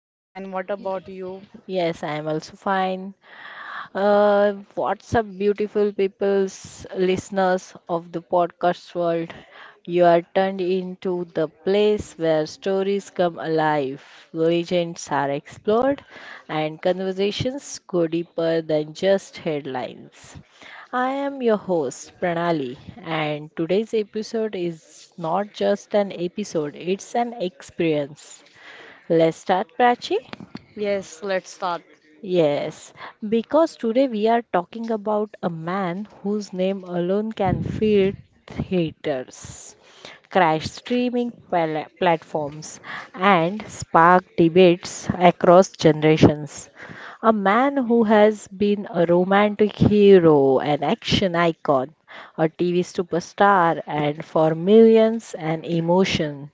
I'm fine. What about you? Yes, I am also fine. What's up, beautiful peoples, listeners of the podcast world? You are turned into the place where stories come alive, legends are explored, and conversations go deeper than just headlines. I am your host, Pranali, and today's episode is not just an episode, it's an experience. Let's start, Prachi. Yes, let's start. Yes, because today we are talking about a man whose name alone can fill theaters, crash streaming platforms, and spark debates across generations. A man who has been a romantic hero, an action icon, a TV superstar, and for millions, an emotion.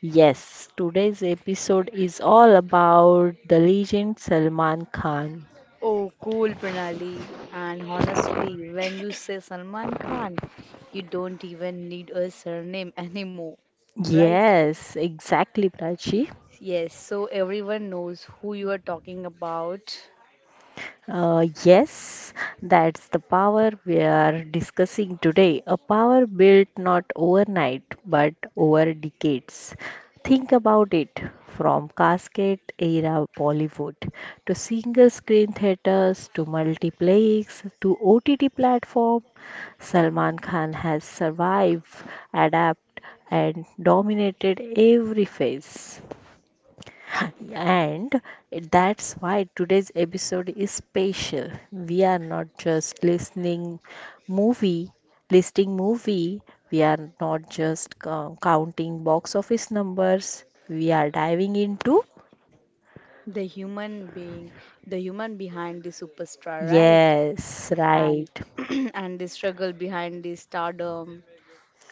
Yes, today's episode is all about the legend Salman Khan. Oh, cool, Pranali. And honestly, when you say Salman Khan, you don't even need a surname anymore, right? Yes, exactly, Prachi. Yes, so everyone knows who you are talking about. Yes, that's the power we are discussing today. A power built not overnight but over decades. Think about it from casket era Bollywood to single screen theaters to multiplex to OTT platform. Salman Khan has survived, adapted, and dominated every phase. And that's why today's episode is special. We are not just listening movie, listing movie. We are not just counting box office numbers. We are diving into The human being, the human behind the superstar, right? yes, And right. and the struggle behind the stardom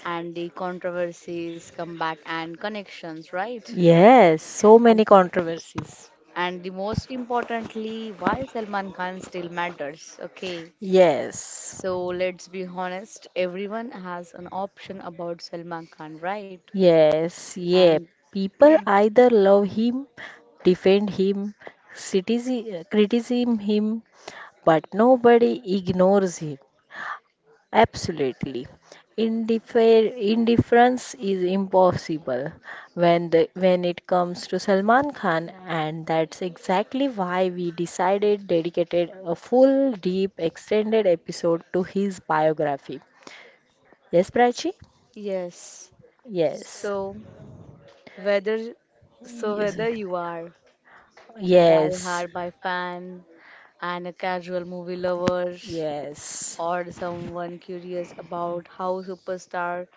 and the controversies, comeback and connections, right? Yes, so And many controversies. And the most importantly, why Salman Khan still matters. Okay, Yes. so let's be honest, everyone has an option about Salman Khan, right? Yes, yeah. And People either love him, defend him, criticism him, but nobody ignores him. Absolutely. Indifference is impossible when the when it comes to Salman Khan, and that's exactly why we decided dedicated a full deep extended episode to his biography. Yes, Prachi? yes, Yes. so whether Yes. whether you are a Yes. die-hard by fan and a casual movie lover Yes. or someone curious about how superstar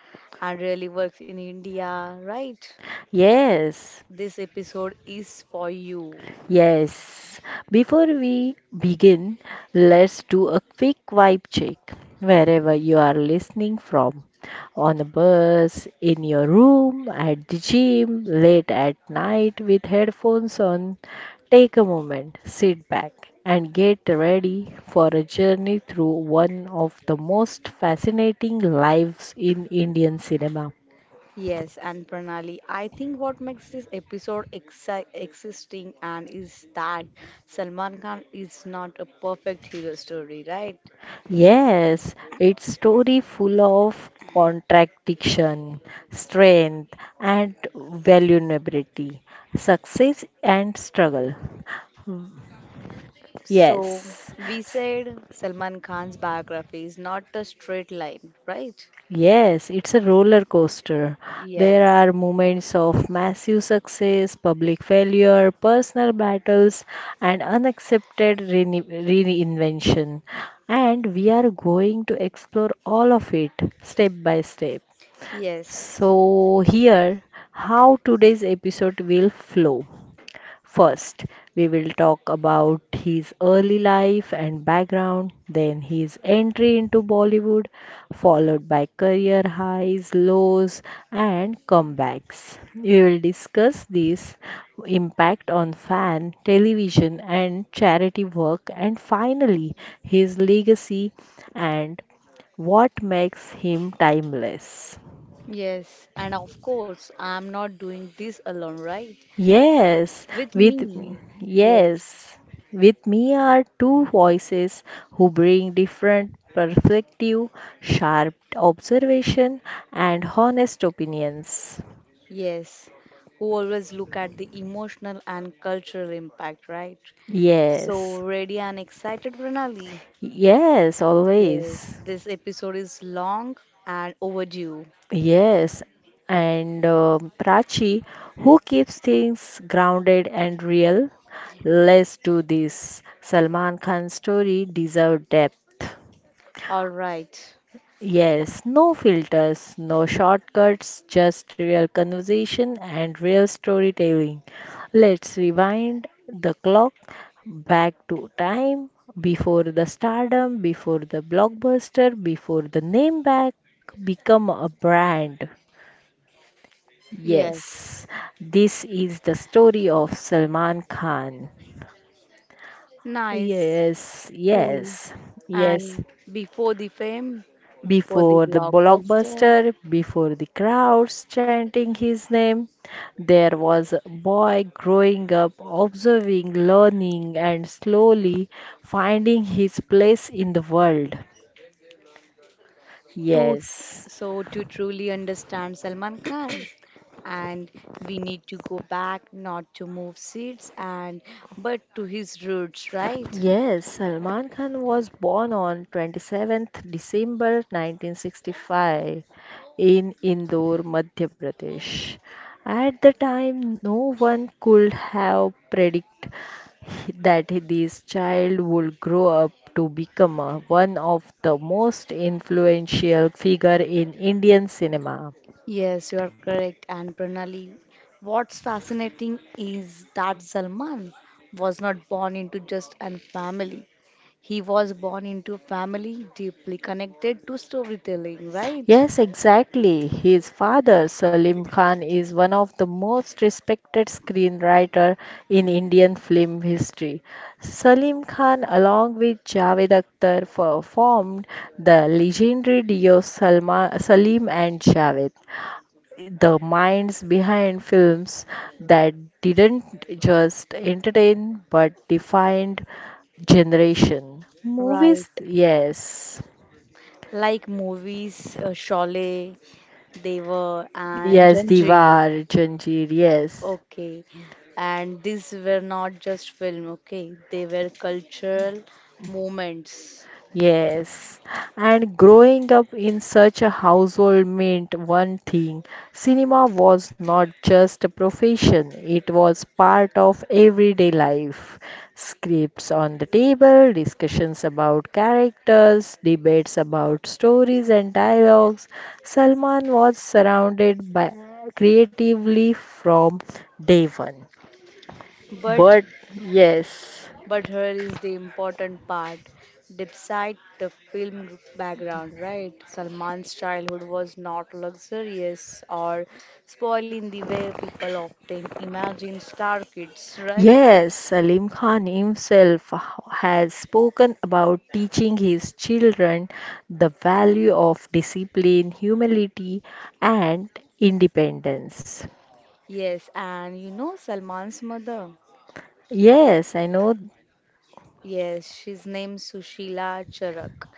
and really works in India, right? Yes. This episode is for you. Yes. Before we begin, let's do a quick vibe check wherever you are listening from, on a bus, in your room, at the gym, late at night with headphones on. Take a moment, sit back, and get ready for a journey through one of the most fascinating lives in Indian cinema. Yes, and Pranali, I think what makes this episode existing and is that Salman Khan is not a perfect hero story, right? Yes, it's story full of contradiction, strength and vulnerability, success and struggle. So Yes. we said Salman Khan's biography is not a straight line, right? Yes, it's a roller coaster. There Yes, are moments of massive success, public failure, personal battles, and unaccepted reinvention. And we are going to explore all of it step by step. yes, So, here, how today's episode will flow. First, we will talk about his early life and background, then his entry into Bollywood, followed by career highs, lows, and comebacks. We will discuss this impact on fan, television, and charity work, and finally, his legacy and what makes him timeless. yes, and of course, I'm not doing this alone, right? Yes, With me, yes. yes, with me are two voices who bring different perspective, sharp observation, and honest opinions. Yes, who always look at the emotional and cultural impact, right? So, Yes, ready and excited, Pranali? yes, Yes, always. this episode is long and overdue. Yes, and Prachi, who keeps things grounded and real? Let's do this. Salman Khan's story deserves depth. All right. Yes, no filters, no shortcuts, just real conversation and real storytelling. Let's rewind the clock back to time before the stardom, before the blockbuster, before the name back become a brand. Yes, Yes, this is the story of Salman Khan. nice, Yes, cool. yes, yes. And before the fame, before the Before the blockbuster, blockbuster, before the crowds chanting his name, there was a boy growing up, observing, learning, and slowly finding his place in the world. to Yes. To truly understand Salman Khan, and we need to go back not to move seats and but to his roots, right? Yes, Salman Khan was born on 27th December 1965 in Indore, Madhya Pradesh. At the time, no one could have predicted that this child would grow up to become one of the most influential figure in Indian cinema. Yes, you are correct. And Pranali, what's fascinating is that Salman was not born into just a family. He was born into a family deeply connected to storytelling, right? Yes, exactly. His father, Salim Khan, is one of the most respected screenwriter in Indian film history. Salim Khan, along with Javed Akhtar, formed the legendary duo Salma, Salim and Javed, the minds behind films that didn't just entertain but defined generation. Movies, Right. yes. Like movies, Sholay, Deva, and Yes, Janjeer. Diwar, Janjeer, yes, Okay, and these were not just film, okay? They were cultural moments. yes. And growing up in such a household meant one thing: cinema was not just a profession, it was part of everyday life. Scripts on the table, discussions about characters, debates about stories and dialogues. Salman was surrounded by creatively from day one. But But yes. but here is the important part. Despite the film background, right? Salman's childhood was not luxurious or spoiled in the way people often imagine star kids, right? Yes, Salim Khan himself has spoken about teaching his children the value of discipline, humility, and independence. Yes, and you know Salman's mother. Yes, I know. Yes, she's named Sushila Charak.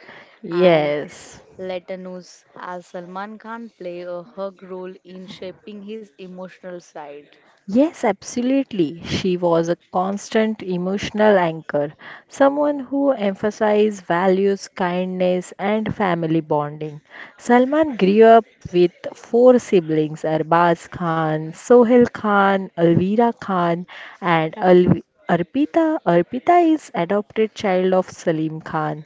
And Yes. later news as Salman Khan play a hug role in shaping his emotional side. Yes, absolutely. She was a constant emotional anchor, someone who emphasized values, kindness, and family bonding. Salman grew up with four siblings: Arbaz Khan, Sohail Khan, Alvira Khan, and Alvi Arpita. Arpita is adopted child of Salim Khan.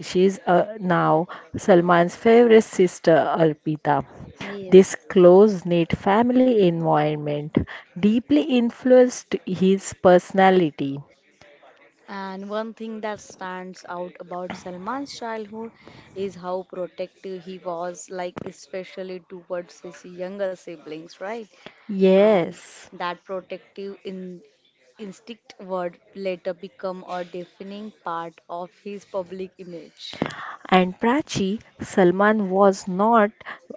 She is now Salman's favorite sister, Arpita. This Yes. close-knit family environment deeply influenced his personality. And one thing that stands out about Salman's childhood is how protective he was, like especially towards his younger siblings, right? And Yes. that protective in instinct would later become a defining part of his public image. And Prachi, Salman was not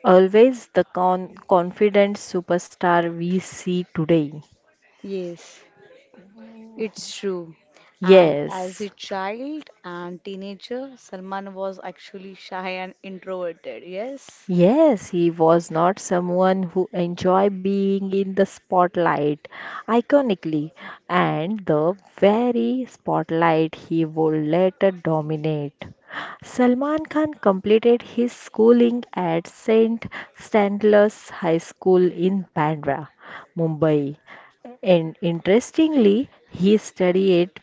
always the confident superstar we see today. Yes. It's true. And as Yes. a child and teenager, Salman was actually shy and introverted. Yes. Yes, he was not someone who enjoyed being in the spotlight. Iconically, and the very spotlight he would later dominate. Salman Khan completed his schooling at St. Stanislaus High School in Bandra, Mumbai. And interestingly, he studied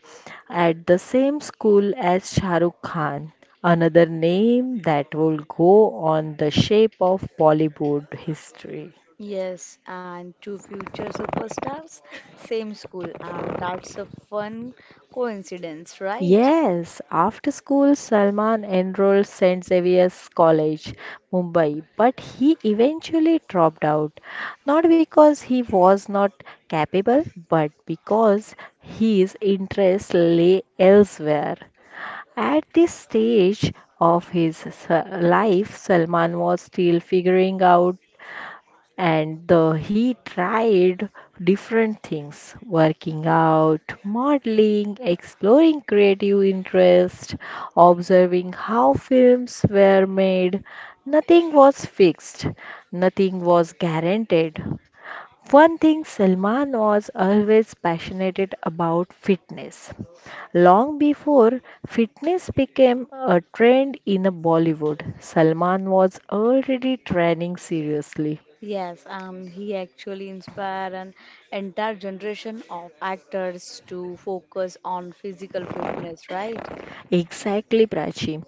at the same school as Shah Rukh Khan, another name that will go on the shape of Bollywood history. Yes, and two future superstars, same school, and that's a fun coincidence, right? Yes, after school, Salman enrolled St. Xavier's College, Mumbai, but he eventually dropped out, not because he was not capable, but because his interests lay elsewhere. At this stage of his life, Salman was still figuring out, and the, he tried different things working out, modeling, exploring creative interest, observing how films were made. Nothing was fixed, nothing was guaranteed. One thing Salman was always passionate about fitness. Long before fitness became a trend in Bollywood, Salman was already training seriously. Yes, he actually inspired an entire generation of actors to focus on physical fitness, right? Exactly, Prachi.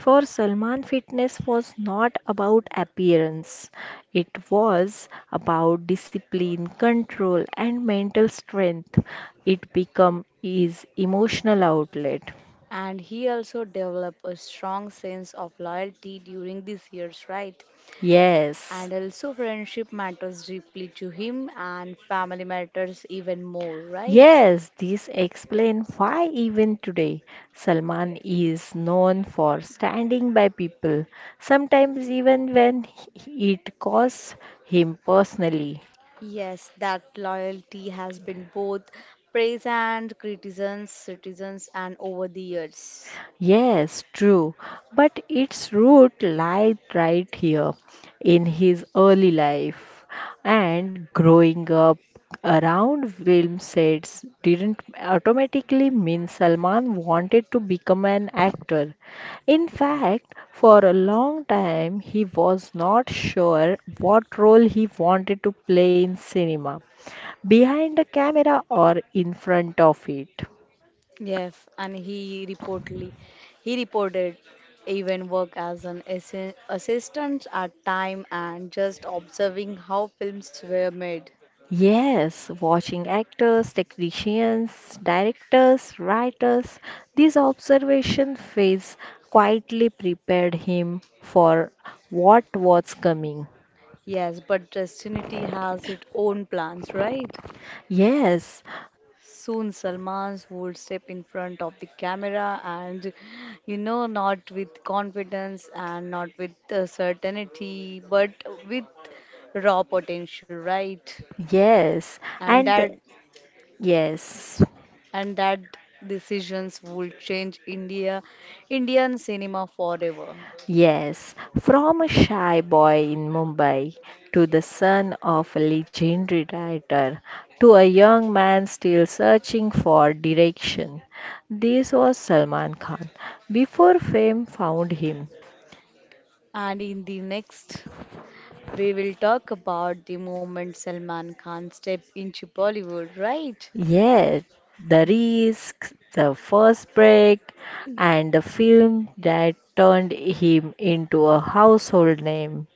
For Salman, fitness was not about appearance, it was about discipline, control, and mental strength. It became his emotional outlet. And he also developed a strong sense of loyalty during these years, right? Yes. And also, friendship matters deeply to him, and family matters even more, right? Yes, this explains why even today Salman is known for standing by people, sometimes even when it costs him personally. Yes, that loyalty has been both praise and criticisms, citizens, and over the years. Yes, true. But its root lies right here in his early life. And growing up around film sets didn't automatically mean Salman wanted to become an actor. In fact, for a long time, he was not sure what role he wanted to play in cinema, behind the camera or in front of it. Yes, and he reported even work as an assistant at time and just observing how films were made. Yes, watching actors, technicians, directors, writers, these observation phase quietly prepared him for what was coming. Yes, but destiny has its own plans, right? Yes, Soon Salman would step in front of the camera and, you know, not with confidence and not with certainty, but with raw potential, right? yes, And and that yes. and that decisions would change Indian cinema forever. Yes, from a shy boy in Mumbai to the son of a legendary writer to a young man still searching for direction. This was Salman Khan before fame found him. And in the next, we will talk about the moment Salman Khan stepped into Bollywood, right? Yes, the risk, the first break, and the film that turned him into a household name.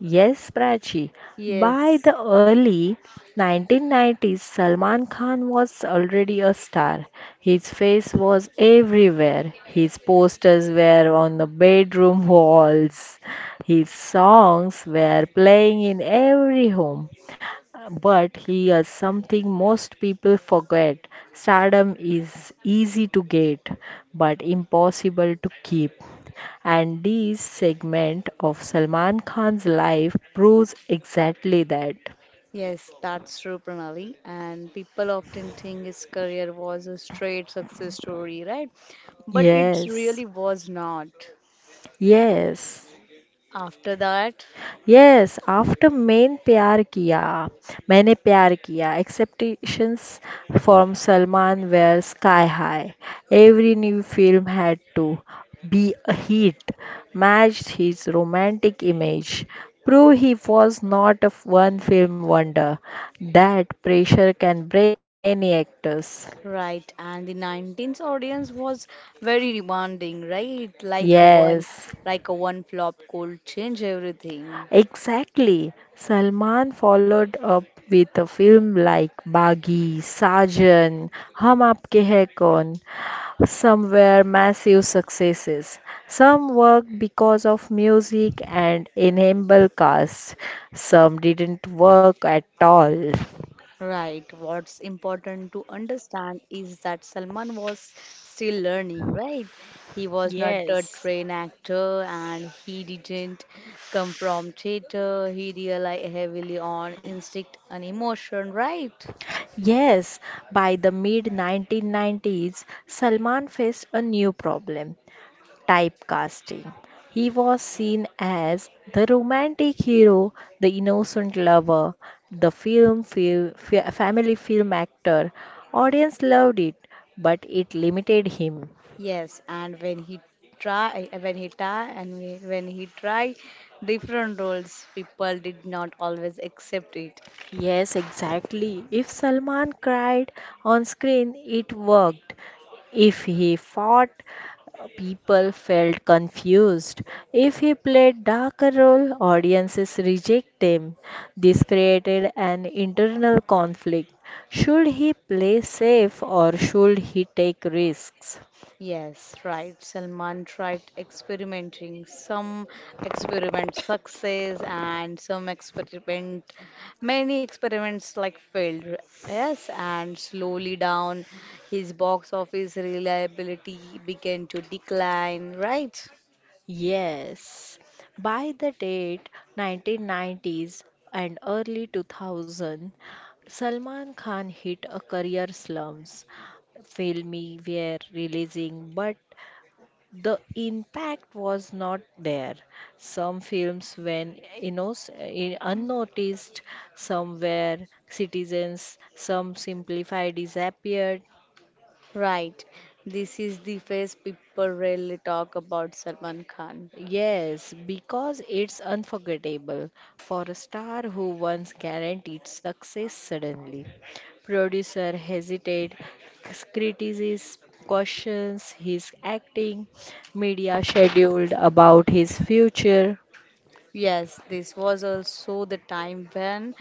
Yes, Prachi. By Yes. the early 1990s, Salman Khan was already a star. His face was everywhere. His posters were on the bedroom walls. His songs were playing in every home. But here's something most people forget: stardom is easy to get, but impossible to keep. And this segment of Salman Khan's life proves exactly that. Yes, that's true, Pranali. And people often think his career was a straight success story, right? But it Yes, really was not. yes. After that, Yes, after main प्यार किया, maine प्यार किया expectations from Salman were sky high. Every new film had to be a hit, matched his romantic image, prove he was not a one-film wonder. That pressure can break many actors. right, and the 19th audience was very demanding, right? Like one, Yes. like a one flop could change everything. Exactly. Salman followed up with a film like Baghi, Sajan, Hum Aapke Hai Kaun. Some were massive successes. Some worked because of music and ensemble cast. Some didn't work at all. Right. What's important to understand is that Salman was still learning, right? He was not a Yes. trained actor and he didn't come from theater. He relied heavily on instinct and emotion, right? Yes, by the mid 1990s, Salman faced a new problem: typecasting. He was seen as the romantic hero, the innocent lover, the film, family film actor. Audience loved it, but it limited him. Yes, and when he try and when he tried different roles, people did not always accept it. Yes, exactly. If Salman cried on screen, it worked. If he fought, people felt confused. If he played darker role, audiences reject him. This created an internal conflict. Should he play safe or should he take risks? Yes, right. Salman tried experimenting. Some experiment success and some experiment, many experiments like failed. Yes, and slowly down, his box office reliability began to decline. Right, Yes. By the date 1990s and early 2000, Salman Khan hit a career slums. Filmy were releasing, but the impact was not there. Some films went unnoticed, some were citizens, some simplified disappeared. right. This is the phase people rarely talk about Salman Khan. Yes, because it's unforgettable for a star who once guaranteed success suddenly. Producer hesitate, c- questions his acting, media scheduled about his future. Yes, this was also the time when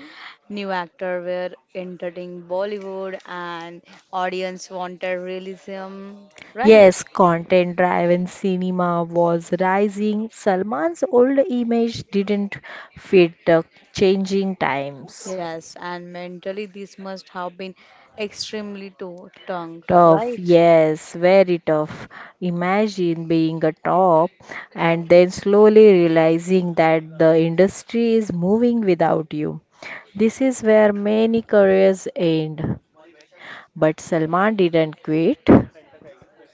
new actors were entering Bollywood and audience wanted realism, right? Yes, content driven cinema was rising. Salman's old image didn't fit the changing times. Yes, and mentally this must have been extremely to tongue, Tough, right? yes, very tough. Imagine being a top and then slowly realizing that the industry is moving without you. This is where many careers end. But Salman didn't quit.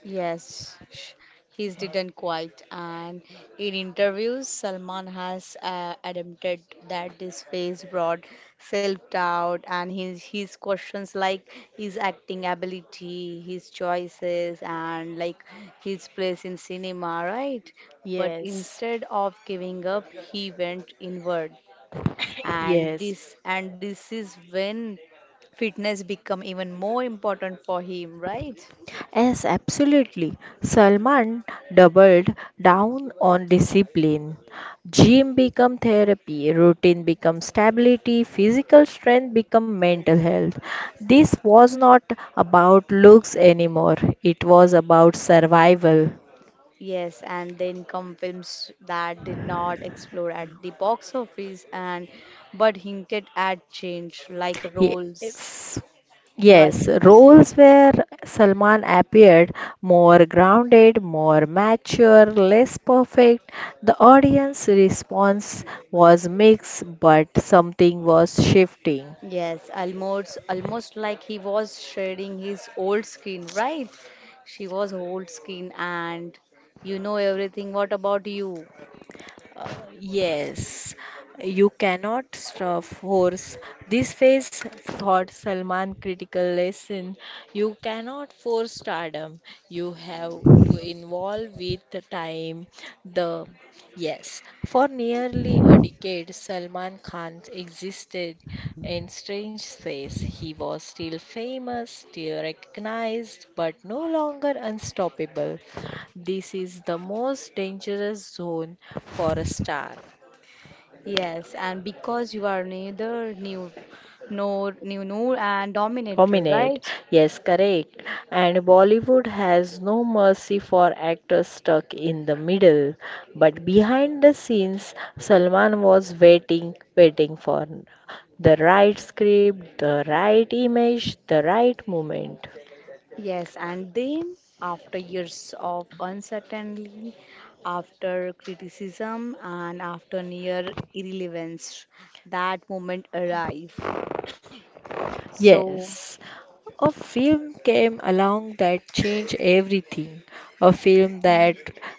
Yes, he's didn't quite. And in interviews, Salman has admitted that this phase brought self-doubt and his questions like his acting ability, his choices, and like his place in cinema, right? But Yes, instead of giving up, he went inward, and yes. this is when fitness become even more important for him, right? Yes, absolutely. Salman doubled down on discipline. Gym become therapy, routine become stability, physical strength become mental health. This was not about looks anymore. It was about survival. Yes, and the income films that did not explode at the box office and but hinted at change like roles. Yes. Like Yes, roles. roles where Salman appeared more grounded, more mature, less perfect. The audience response was mixed, but something was shifting. Yes, almost like he was shedding his old skin, right? She was old skin and you know everything. What about you? Uh, yes, you cannot stuff horse. This phase Thought Salman critical lesson. You cannot force stardom. You have to involve with the time. The yes, for nearly a decade, Salman Khan existed in strange space. He was still famous, still recognized, but no longer unstoppable. This is the most dangerous zone for a star. Yes, and because you are neither new nor and dominator, Dominate. right? Yes, correct. And Bollywood has no mercy for actors stuck in the middle. But behind the scenes, Salman was waiting, waiting for the right script, the right image, the right moment. Yes, and then after years of uncertainty, after criticism, and after near irrelevance, that moment arrive. So, Yes, a film came along that changed everything. A film that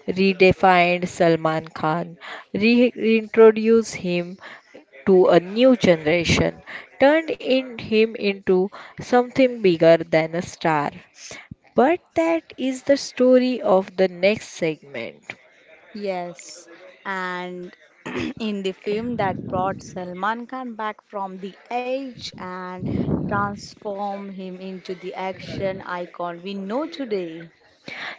redefined Salman Khan, reintroduced him to a new generation, turned in him into something bigger than a star. But that is the story of the next segment. yes, and in the film that brought Salman Khan back from the age and transform him into the action icon we know today,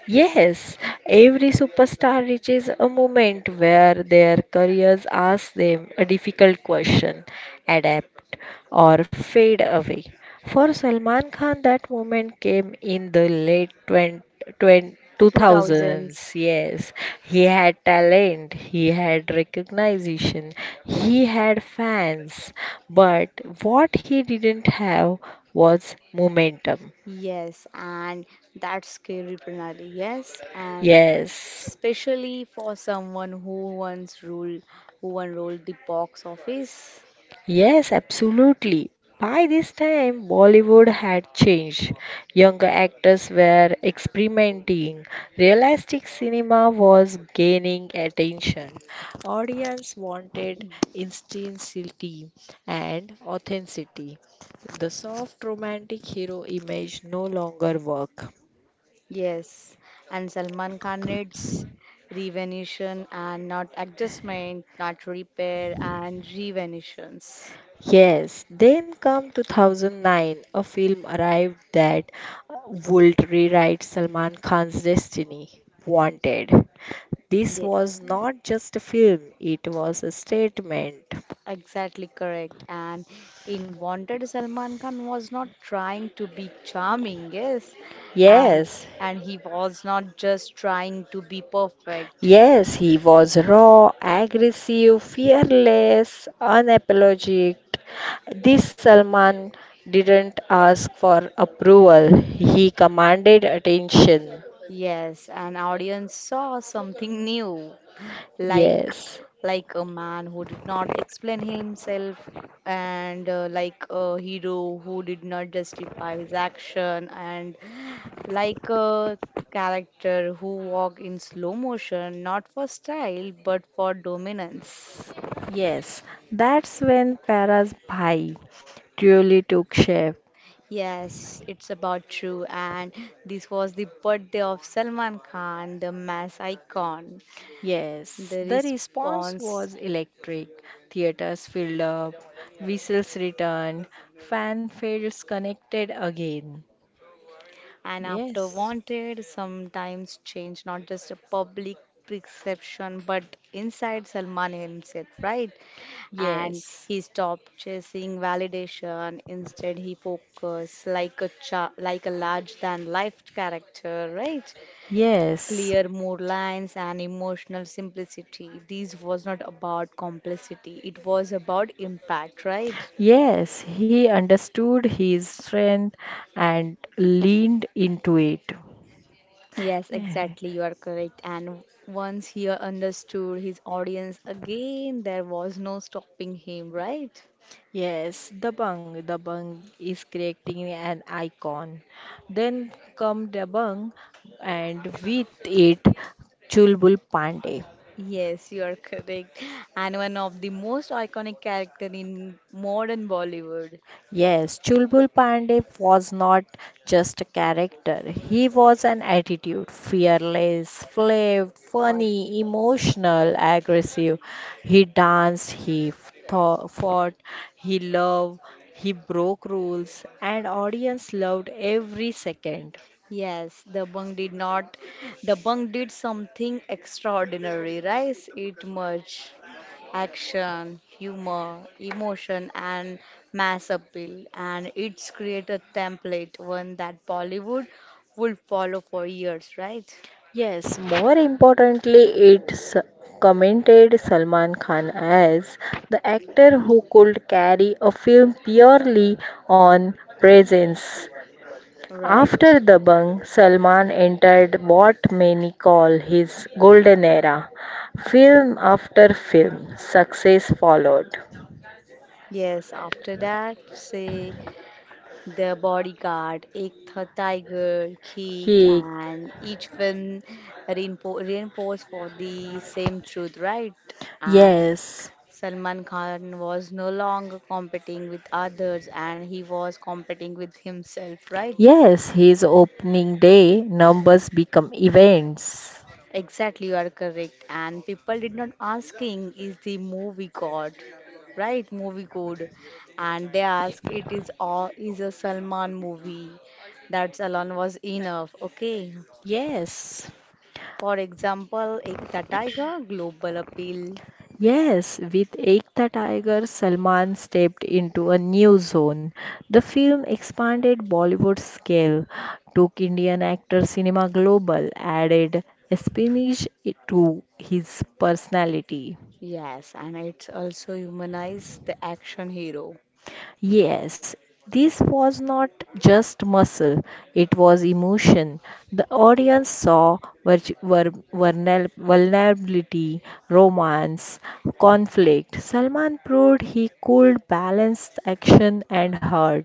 Yes, every superstar reaches a moment where their careers ask them a difficult question: adapt or fade away. For Salman Khan, that moment came in the late 20, 20 two thousands. 2000s. Yes, he had talent, he had recognition, he had fans, but what he didn't have was momentum. Yes, and that's scary, Pranali. Yes, and Yes. especially for someone who once ruled, who once the box office. Yes, absolutely. By this time, Bollywood had changed. Younger actors were experimenting. Realistic cinema was gaining attention. Audience wanted instantaneity and authenticity. The soft romantic hero image no longer work. Yes, and Salman Khan needs revenation and not adjustment, not repair and revenitions. Yes, then come 2009, a film arrived that uh, would rewrite Salman Khan's destiny, Wanted. This Ye- was not just a film, it was a statement. Exactly correct. And in Wanted, Salman Khan was not trying to be charming, yes, and Yes, and he was not just trying to be perfect. yes, he was raw, aggressive, fearless, unapologetic. This Salman didn't ask for approval, he commanded attention. Yes, an audience saw something new, like Yes. like a man who did not explain himself, and like a hero who did not justify his action, and like a character who walked in slow motion, not for style but for dominance. Yes, that's when Para's Bhai truly took shape. Yes, it's about true, and this was the birthday of Salman Khan, the mass icon. Yes, The the response response. was electric. Theaters filled up, whistles returned, fanfares connected again. And after Yes. wanted, sometimes change not just a public perception but inside Salman himself, right? And Yes, he stopped chasing validation. Instead, he focused like a like a large than life character, right? yes, Clear mood lines and emotional simplicity. This was not about complexity. It was about impact, right? yes, he understood his strength and leaned into it. Yes, exactly. You are correct. And once he understood his audience again, there was no stopping him, right? Yes, the bung. The bung is creating an icon. Then come the bung, and with it, Chulbul Pandey. Yes, you are correct. And one of the most iconic character in modern Bollywood. Yes, Chulbul Pandey was not just a character. He was an attitude, fearless, flip, But funny, emotional, aggressive. He danced, he thought, fought, he loved, he broke rules, and audience loved every second. yes, the bung did not. The bung did something extraordinary, right? It merged action, humor, emotion, and mass appeal, and it's created a template, one that Bollywood would follow for years, right? Yes, more importantly, it's commended Salman Khan as the actor who could carry a film purely on presence. After Right. the bang, Salman entered what many call his golden era. Film after film, success followed. Yes, after that, say The Bodyguard, Ek Tha Tiger, Kick, He, and each film reinforced for the same truth, right? And yes, Salman Khan was no longer competing with others and he was competing with himself, right? yes, his opening day numbers become events. Exactly, you are correct. And people did not asking, is the movie God? Right, movie good, and they ask it is all is a Salman movie. That alone was enough. Okay, Yes. for example, Ekta Tiger, global appeal. Yes, with Ek Tha Tiger, Salman stepped into a new zone. The film expanded Bollywood's scale, took Indian actor cinema global, added Spanish to his personality. Yes, and it's also humanize the action hero. Yes, this was not just muscle, it was emotion. The audience saw vulnerability, romance, conflict. Salman proved he could balance action and heart.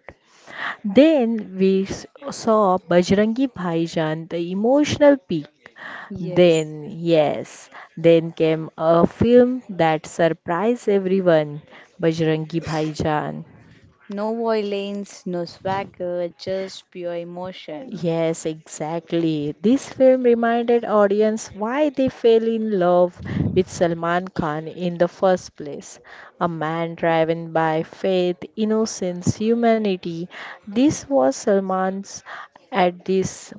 Then we saw Bajrangi Bhaijan, the emotional peak. Yes. Then, yes, then came a film that surprised everyone, Bajrangi Bhaijaan. No violence, no swagger, just pure emotion. Yes, exactly. This film reminded audience why they fell in love with Salman Khan in the first place. A man driven by faith, innocence, humanity. This was Salman's at this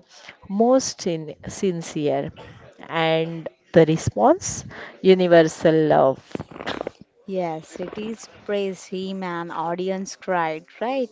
most sincere. And the response? Universal love. Yes, it is praise him and audience cried, right?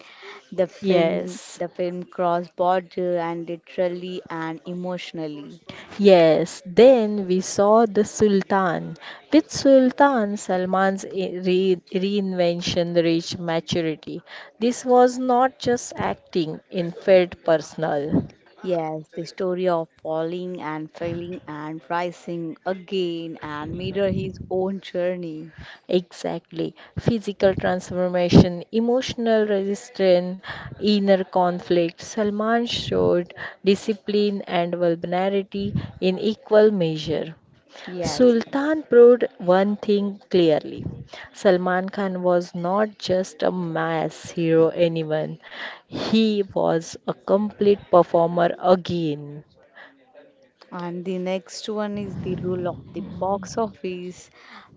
The film Yes. the film crossed border and literally and emotionally. Yes, then we saw the Sultan. With Sultan Salman's reinvention reached maturity. This was not just acting, it felt personal. Yes, the story of falling and failing and rising again and mirror his own journey. Exactly. Physical transformation, emotional resistance, inner conflict. Salman showed discipline and vulnerability in equal measure. Yes, Sultan proved one thing clearly. Salman Khan was not just a mass hero anyone. He was a complete performer again. and the next one is the rule of the box office.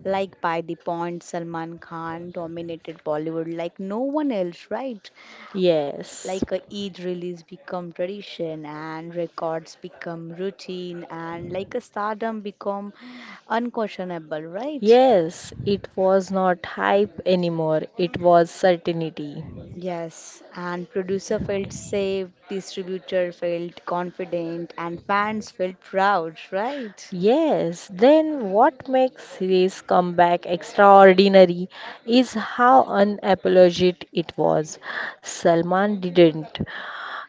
Like by the point, Salman Khan dominated Bollywood like no one else, right? Yes. Like a Eid release become tradition and records become routine and like a stardom become unquestionable, right? Yes, it was not hype anymore. It was certainty. Yes, and producer felt safe, distributor felt confident, and fans felt proud, right? Yes, then what makes his comeback extraordinary is how unapologetic it was. Salman didn't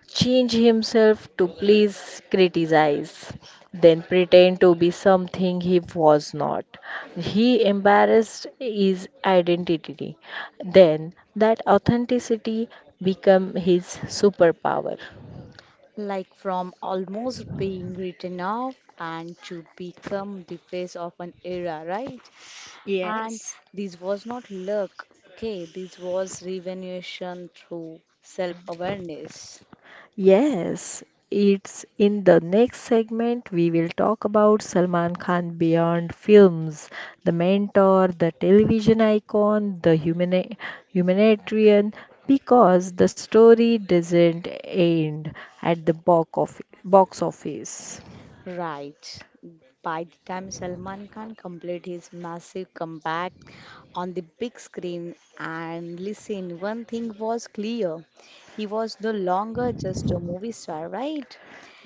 change himself to please criticize, then pretend to be something he was not. He embarrassed his identity. Then that authenticity become his superpower. Like from almost being written off and to become the face of an era, right? And Yes. this was not luck, okay, this was revolution through self awareness, Yes, it's in the next segment we will talk about Salman Khan beyond films, the mentor, the television icon, the humanitarian, because the story doesn't end at the box office. Box office. right? By the time Salman Khan completed his massive comeback on the big screen, and listen, one thing was clear he was no longer just a movie star, right?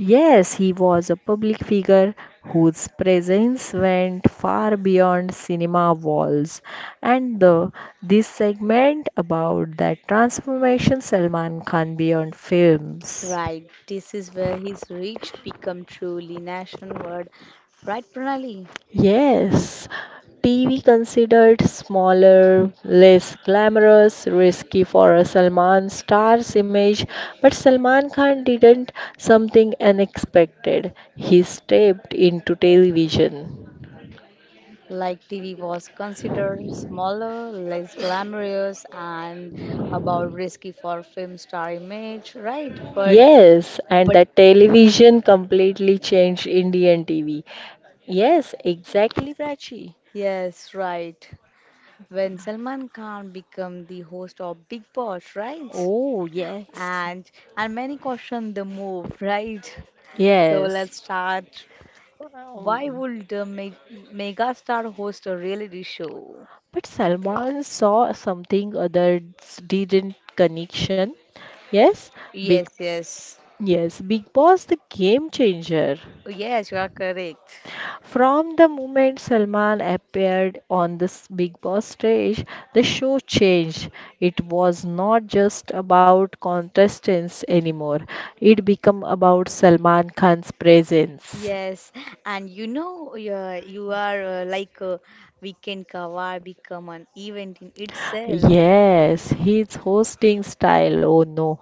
Yes, he was a public figure whose presence went far beyond cinema walls. And the, this segment about that transformation Salman Khan beyond films. Right, this is where his reach become truly nationwide. Right, Pranali? Yes, TV considered smaller, less glamorous, risky for a Salman star's image, but Salman Khan didn't something unexpected. He stepped into television. Like TV was considered smaller, less glamorous, and about risky for film star image, right? But, Yes, and but that television completely changed Indian TV. Yes, exactly, Prachi. yes, right. When Salman Khan become the host of Big Boss, right? Oh, yes, And and many question the move, right? So yes. let's start. Why Um, would the megastar host a reality show? but Salman saw something others didn't connection. Yes, big Yes, yes. yes, Big Boss the game changer. Yes, you are correct. From the moment Salman appeared on this Big Boss stage, the show changed. It was not just about contestants anymore. It became about Salman Khan's presence. Yes, and you know, you are like a weekend cover become an event in itself. Yes, his hosting style, oh no,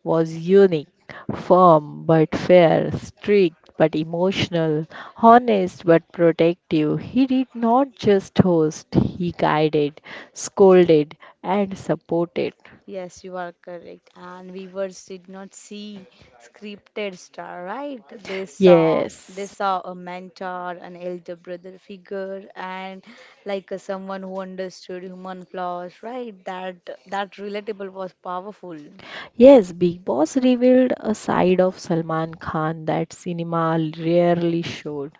was unique, firm but fair, strict but emotional, honest but protective. He did not just host, he guided, scolded, and supported. Yes, you are correct. And viewers did not see scripted star, right? They saw they Yes. saw a mentor, an elder brother figure, and like someone who understood human flaws, right? That that relatable was powerful. Yes, Big Boss revealed a side of Salman Khan that cinema rarely showed.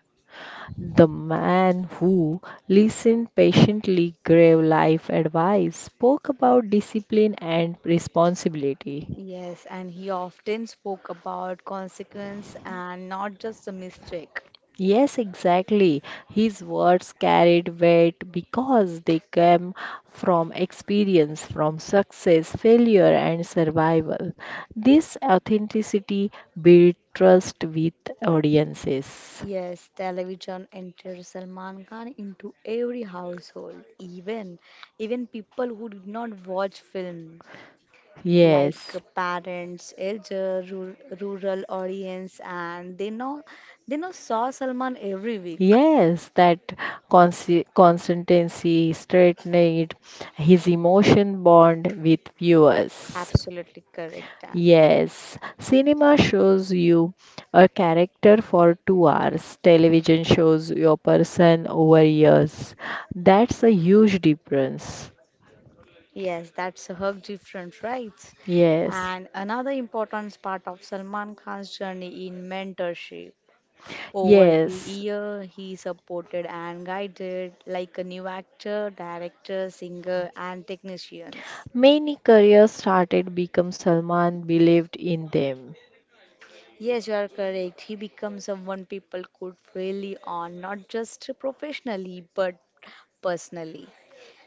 The man who listened patiently, gave life advice, spoke about discipline and responsibility. Yes, and he often spoke about consequence and not just the mistake. Yes, exactly. His words carried weight because they came from experience, from success, failure, and survival. This authenticity built trust with audiences. Yes, television entered Salman Khan into every household, even even people who did not watch film, like Yes. parents, elder, rural audience, and they know saw Salman every week. Yes, that consistency strengthened his emotion bond with viewers. Absolutely correct. Yes, cinema shows you a character for 2 hours. Television shows your person over years. That's a huge difference. Yes, that's a hug different, right? Yes, And another important part of Salman Khan's journey in mentorship. Over the yes. year, he supported and guided like a new actor, director, singer, and technicians. Many careers started become Salman believed in them. Yes, you are correct. He becomes someone people could really on, not just professionally, but personally.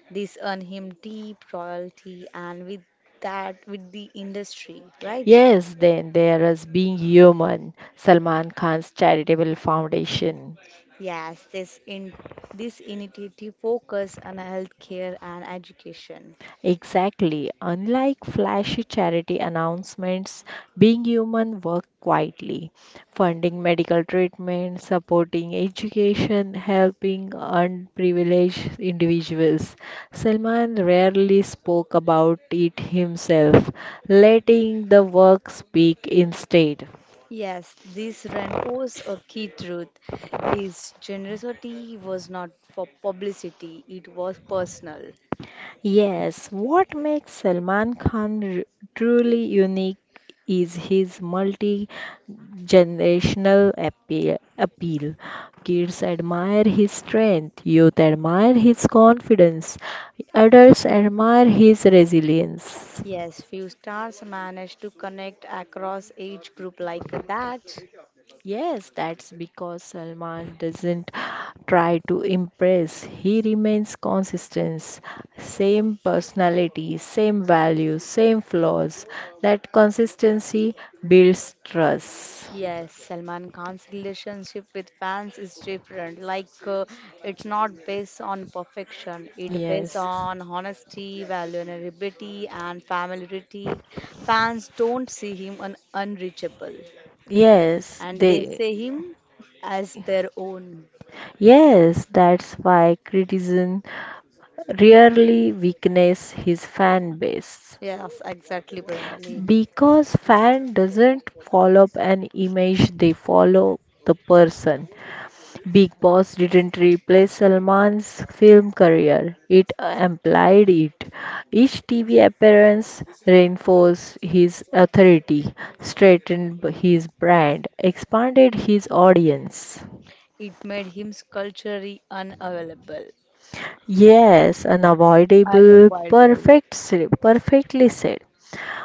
This earned him deep royalty and with that, with the industry, right? Yes, then there is Being Human, Salman Khan's charitable foundation. Yes, this initiative focus on healthcare and education. Exactly. Unlike flashy charity announcements, Being Human work quietly, funding medical treatment, supporting education, helping unprivileged individuals. Salman rarely spoke about it himself, letting the work speak instead. Yes, this reinforces a key truth. His generosity was not for publicity, it was personal. Yes, what makes Salman Khan truly unique is his multi generational appeal. Kids admire his strength, youth admire his confidence, adults admire his resilience. Yes, few stars managed to connect across age group like that. Yes, that's because Salman doesn't try to impress. He remains consistent. Same personality, same values, same flaws. That consistency builds trust. Yes, Salman Khan's relationship with fans is different. Like, it's not based on perfection. It based Yes. on honesty, vulnerability, and familiarity. Fans don't see him un unreachable, Yes, and they they see him as their own. yes, that's why criticism rarely weakens his fan base. Yes, exactly, Pranali. Because fan doesn't follow an image, they follow the person. Big Boss didn't replace Salman's film career, it amplified it. Each TV appearance reinforced his authority, strengthened his brand, expanded his audience. It made him culturally unavailable, Yes, unavoidable, unviable. perfect, perfectly said.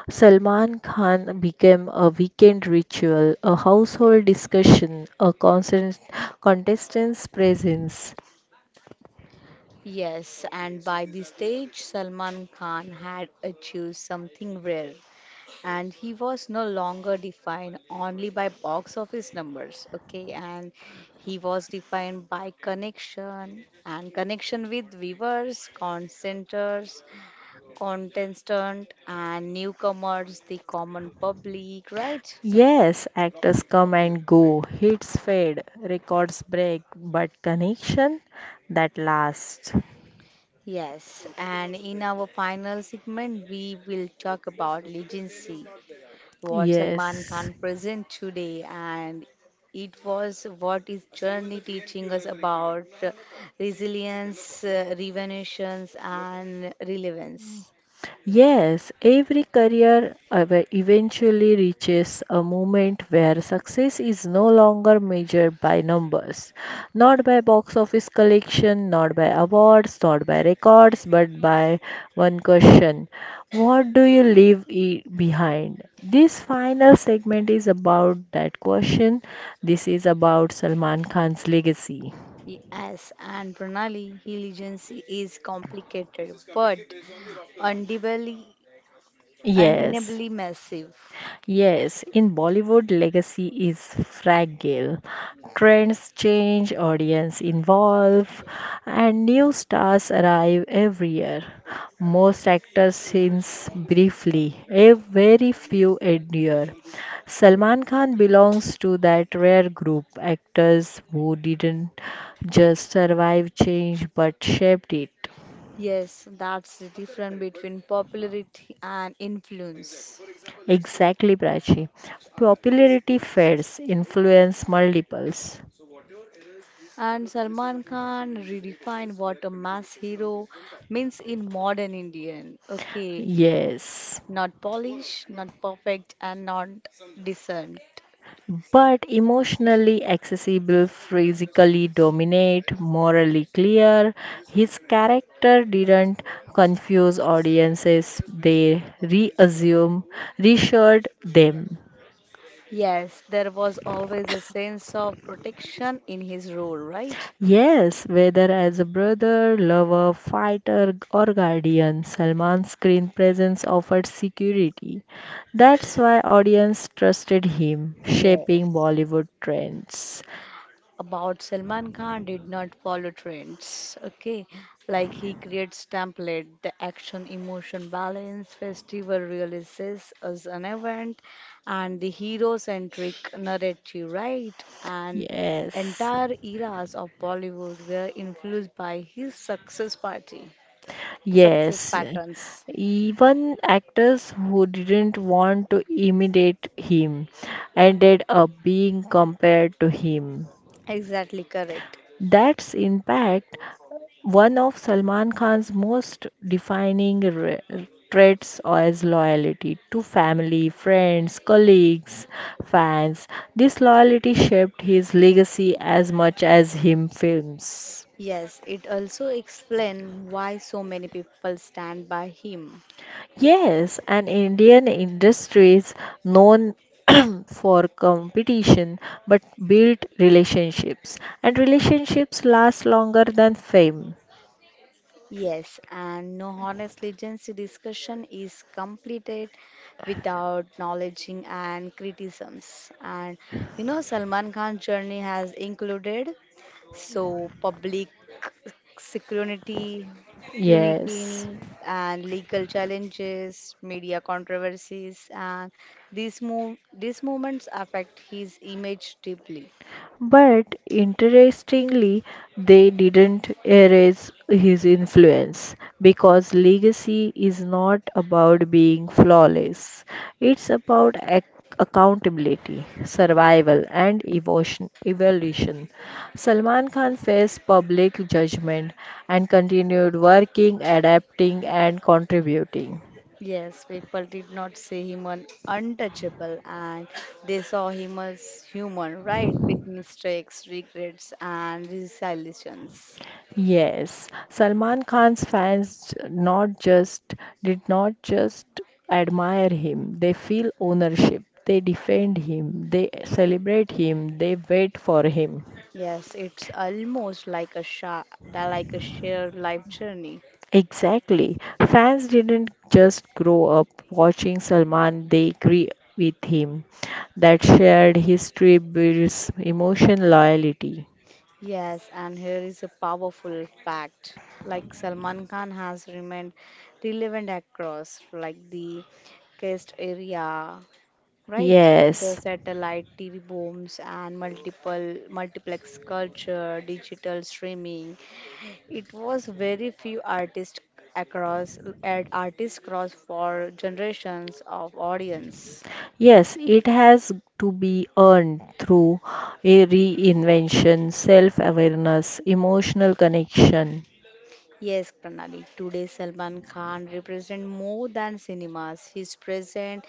Salman Khan became a weekend ritual, a household discussion, a constant contestant's presence. Yes, and by this stage, Salman Khan had achieved something rare, and he was no longer defined only by box office numbers, okay? And he was defined by connection and connection with viewers, contenters, contestant, and newcomers, the common public, right? Yes, actors come and go, hits fade, records break, but connection that lasts. Yes, and in our final segment, we will talk about legacy what Salman Yes. Khan present today and it was what is journey teaching us about resilience, revolutions and relevance. Yes, every career eventually reaches a moment where success is no longer measured by numbers, not by box office collection, not by awards, not by records, but by one question: what do you leave behind? This final segment is about that question. This is about Salman Khan's legacy. Yes, and Pranali diligence is complicated but undeniably, Yes. undeniably massive. Yes, in Bollywood, legacy is fragile. Trends change, audience evolve, and new stars arrive every year. Most actors since briefly, a very few endure. Salman Khan belongs to that rare group actors who didn't just survive change but shaped it. Yes, that's the difference between popularity and influence. Exactly, Prachi. Popularity fades, influence multiples. And Salman Khan redefined what a mass hero means in modern Indian. Okay, Yes, not polished, not perfect, and not decent. but emotionally accessible, physically dominate, morally clear, his character didn't confuse audiences, they reassured them. Yes, there was always a sense of protection in his role, right? Yes, whether as a brother, lover, fighter, or guardian, Salman's screen presence offered security. That's why audience trusted him, shaping Yes, Bollywood trends. about Salman Khan did not follow trends. Okay, like he creates template, the action, emotion balance, festival releases as an event, and the hero-centric narrative, right? And Yes. entire eras of Bollywood were influenced by his success party, success Yes, patterns. even actors who didn't want to imitate him ended up being compared to him. Exactly correct. That's in fact one of Salman Khan's most defining traits as loyalty to family, friends, colleagues, fans. This loyalty shaped his legacy as much as him films. Yes, it also explains why so many people stand by him. Yes, and Indian industry is known for competition but build relationships, and relationships last longer than fame. Yes, and no honest legacy discussion is completed without acknowledging and criticisms. And you know, Salman Khan's journey has included so public security, Yes. scrutiny, and legal challenges, media controversies, and these movements affect his image deeply. But interestingly, they didn't erase his influence because legacy is not about being flawless, it's about accountability, survival, and evolution. Salman Khan faced public judgment and continued working, adapting, and contributing. Yes, people did not see him an untouchable and they saw him as human, right? With mistakes, regrets, and resilience. Yes, Salman Khan's fans not just did not just admire him, they feel ownership. They defend him, they celebrate him, they wait for him. Yes, it's almost like a like a shared life journey. Exactly. Fans didn't just grow up watching Salman, they grew with him. That shared history builds emotion loyalty. Yes, and here is a powerful fact. Like Salman Khan has remained relevant across like the cast area, right? The Yes. satellite TV booms and multiple multiplex culture, digital streaming. It was very few artists across at artists cross for generations of audience. Yes, it has to be earned through a reinvention, self awareness, emotional connection. Yes, Pranali. Today, Salman Khan represents more than cinemas. His present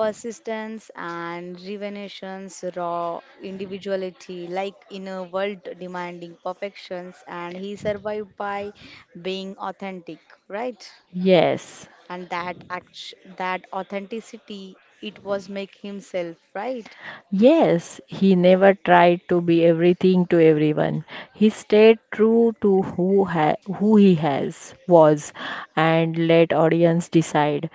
persistence and revelations, raw individuality, like in a world demanding perfections, and he survived by being authentic, right? Yes. And that act, that authenticity, it was make himself, right? Yes, he never tried to be everything to everyone. He stayed true to who he has was and let audience decide.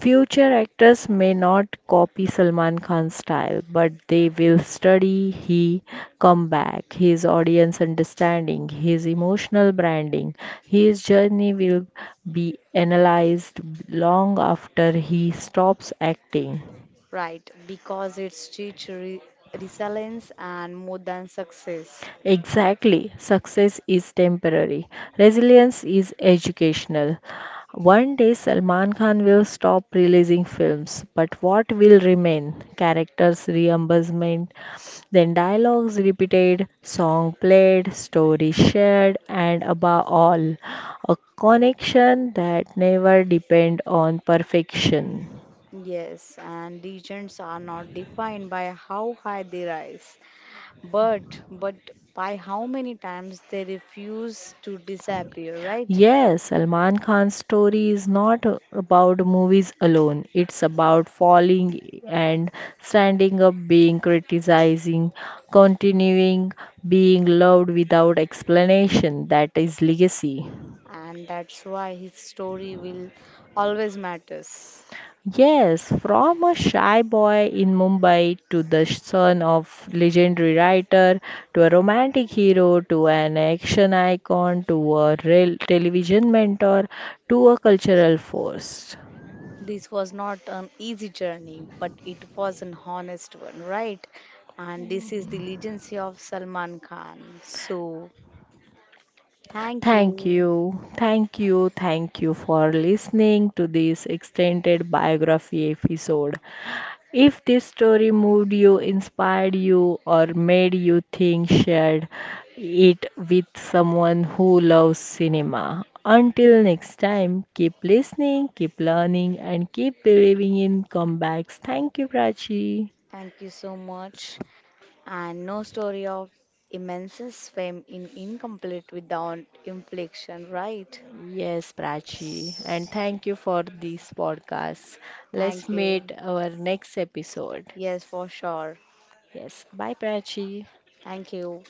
Future actors may not copy Salman Khan's style, but they will study his comeback, his audience understanding, his emotional branding. His journey will be analyzed long after he stops acting. Right, because it's teach resilience and more than success. Exactly. Success is temporary. Resilience is educational. One day Salman Khan will stop releasing films, but what will remain? Characters reimbursement, then dialogues repeated, song played, story shared, and above all, a connection that never depend on perfection. Yes, and regions are not defined by how high they rise, but by how many times they refuse to disappear, right? Yes, Salman Khan's story is not about movies alone. It's about falling and standing up, being criticizing, continuing, being loved without explanation. That is legacy. And that's why his story will always matters. Yes, from a shy boy in Mumbai to the son of legendary writer to a romantic hero to an action icon to a real television mentor to a cultural force. This was not an easy journey, but it was an honest one, right? And this is the legacy of Salman Khan. So, thank Thank you. you, thank you, thank you for listening to this extended biography episode. If this story moved you, inspired you, or made you think, share it with someone who loves cinema. Until next time, keep listening, keep learning, and keep believing in comebacks. Thank you, Prachi. Thank you so much. And no story of immense fame in incomplete without inflection, right? Yes, Prachi, and thank you for this podcast. Let's Thank meet you. our next episode. Yes, for sure. Yes. Bye, Prachi. Thank you.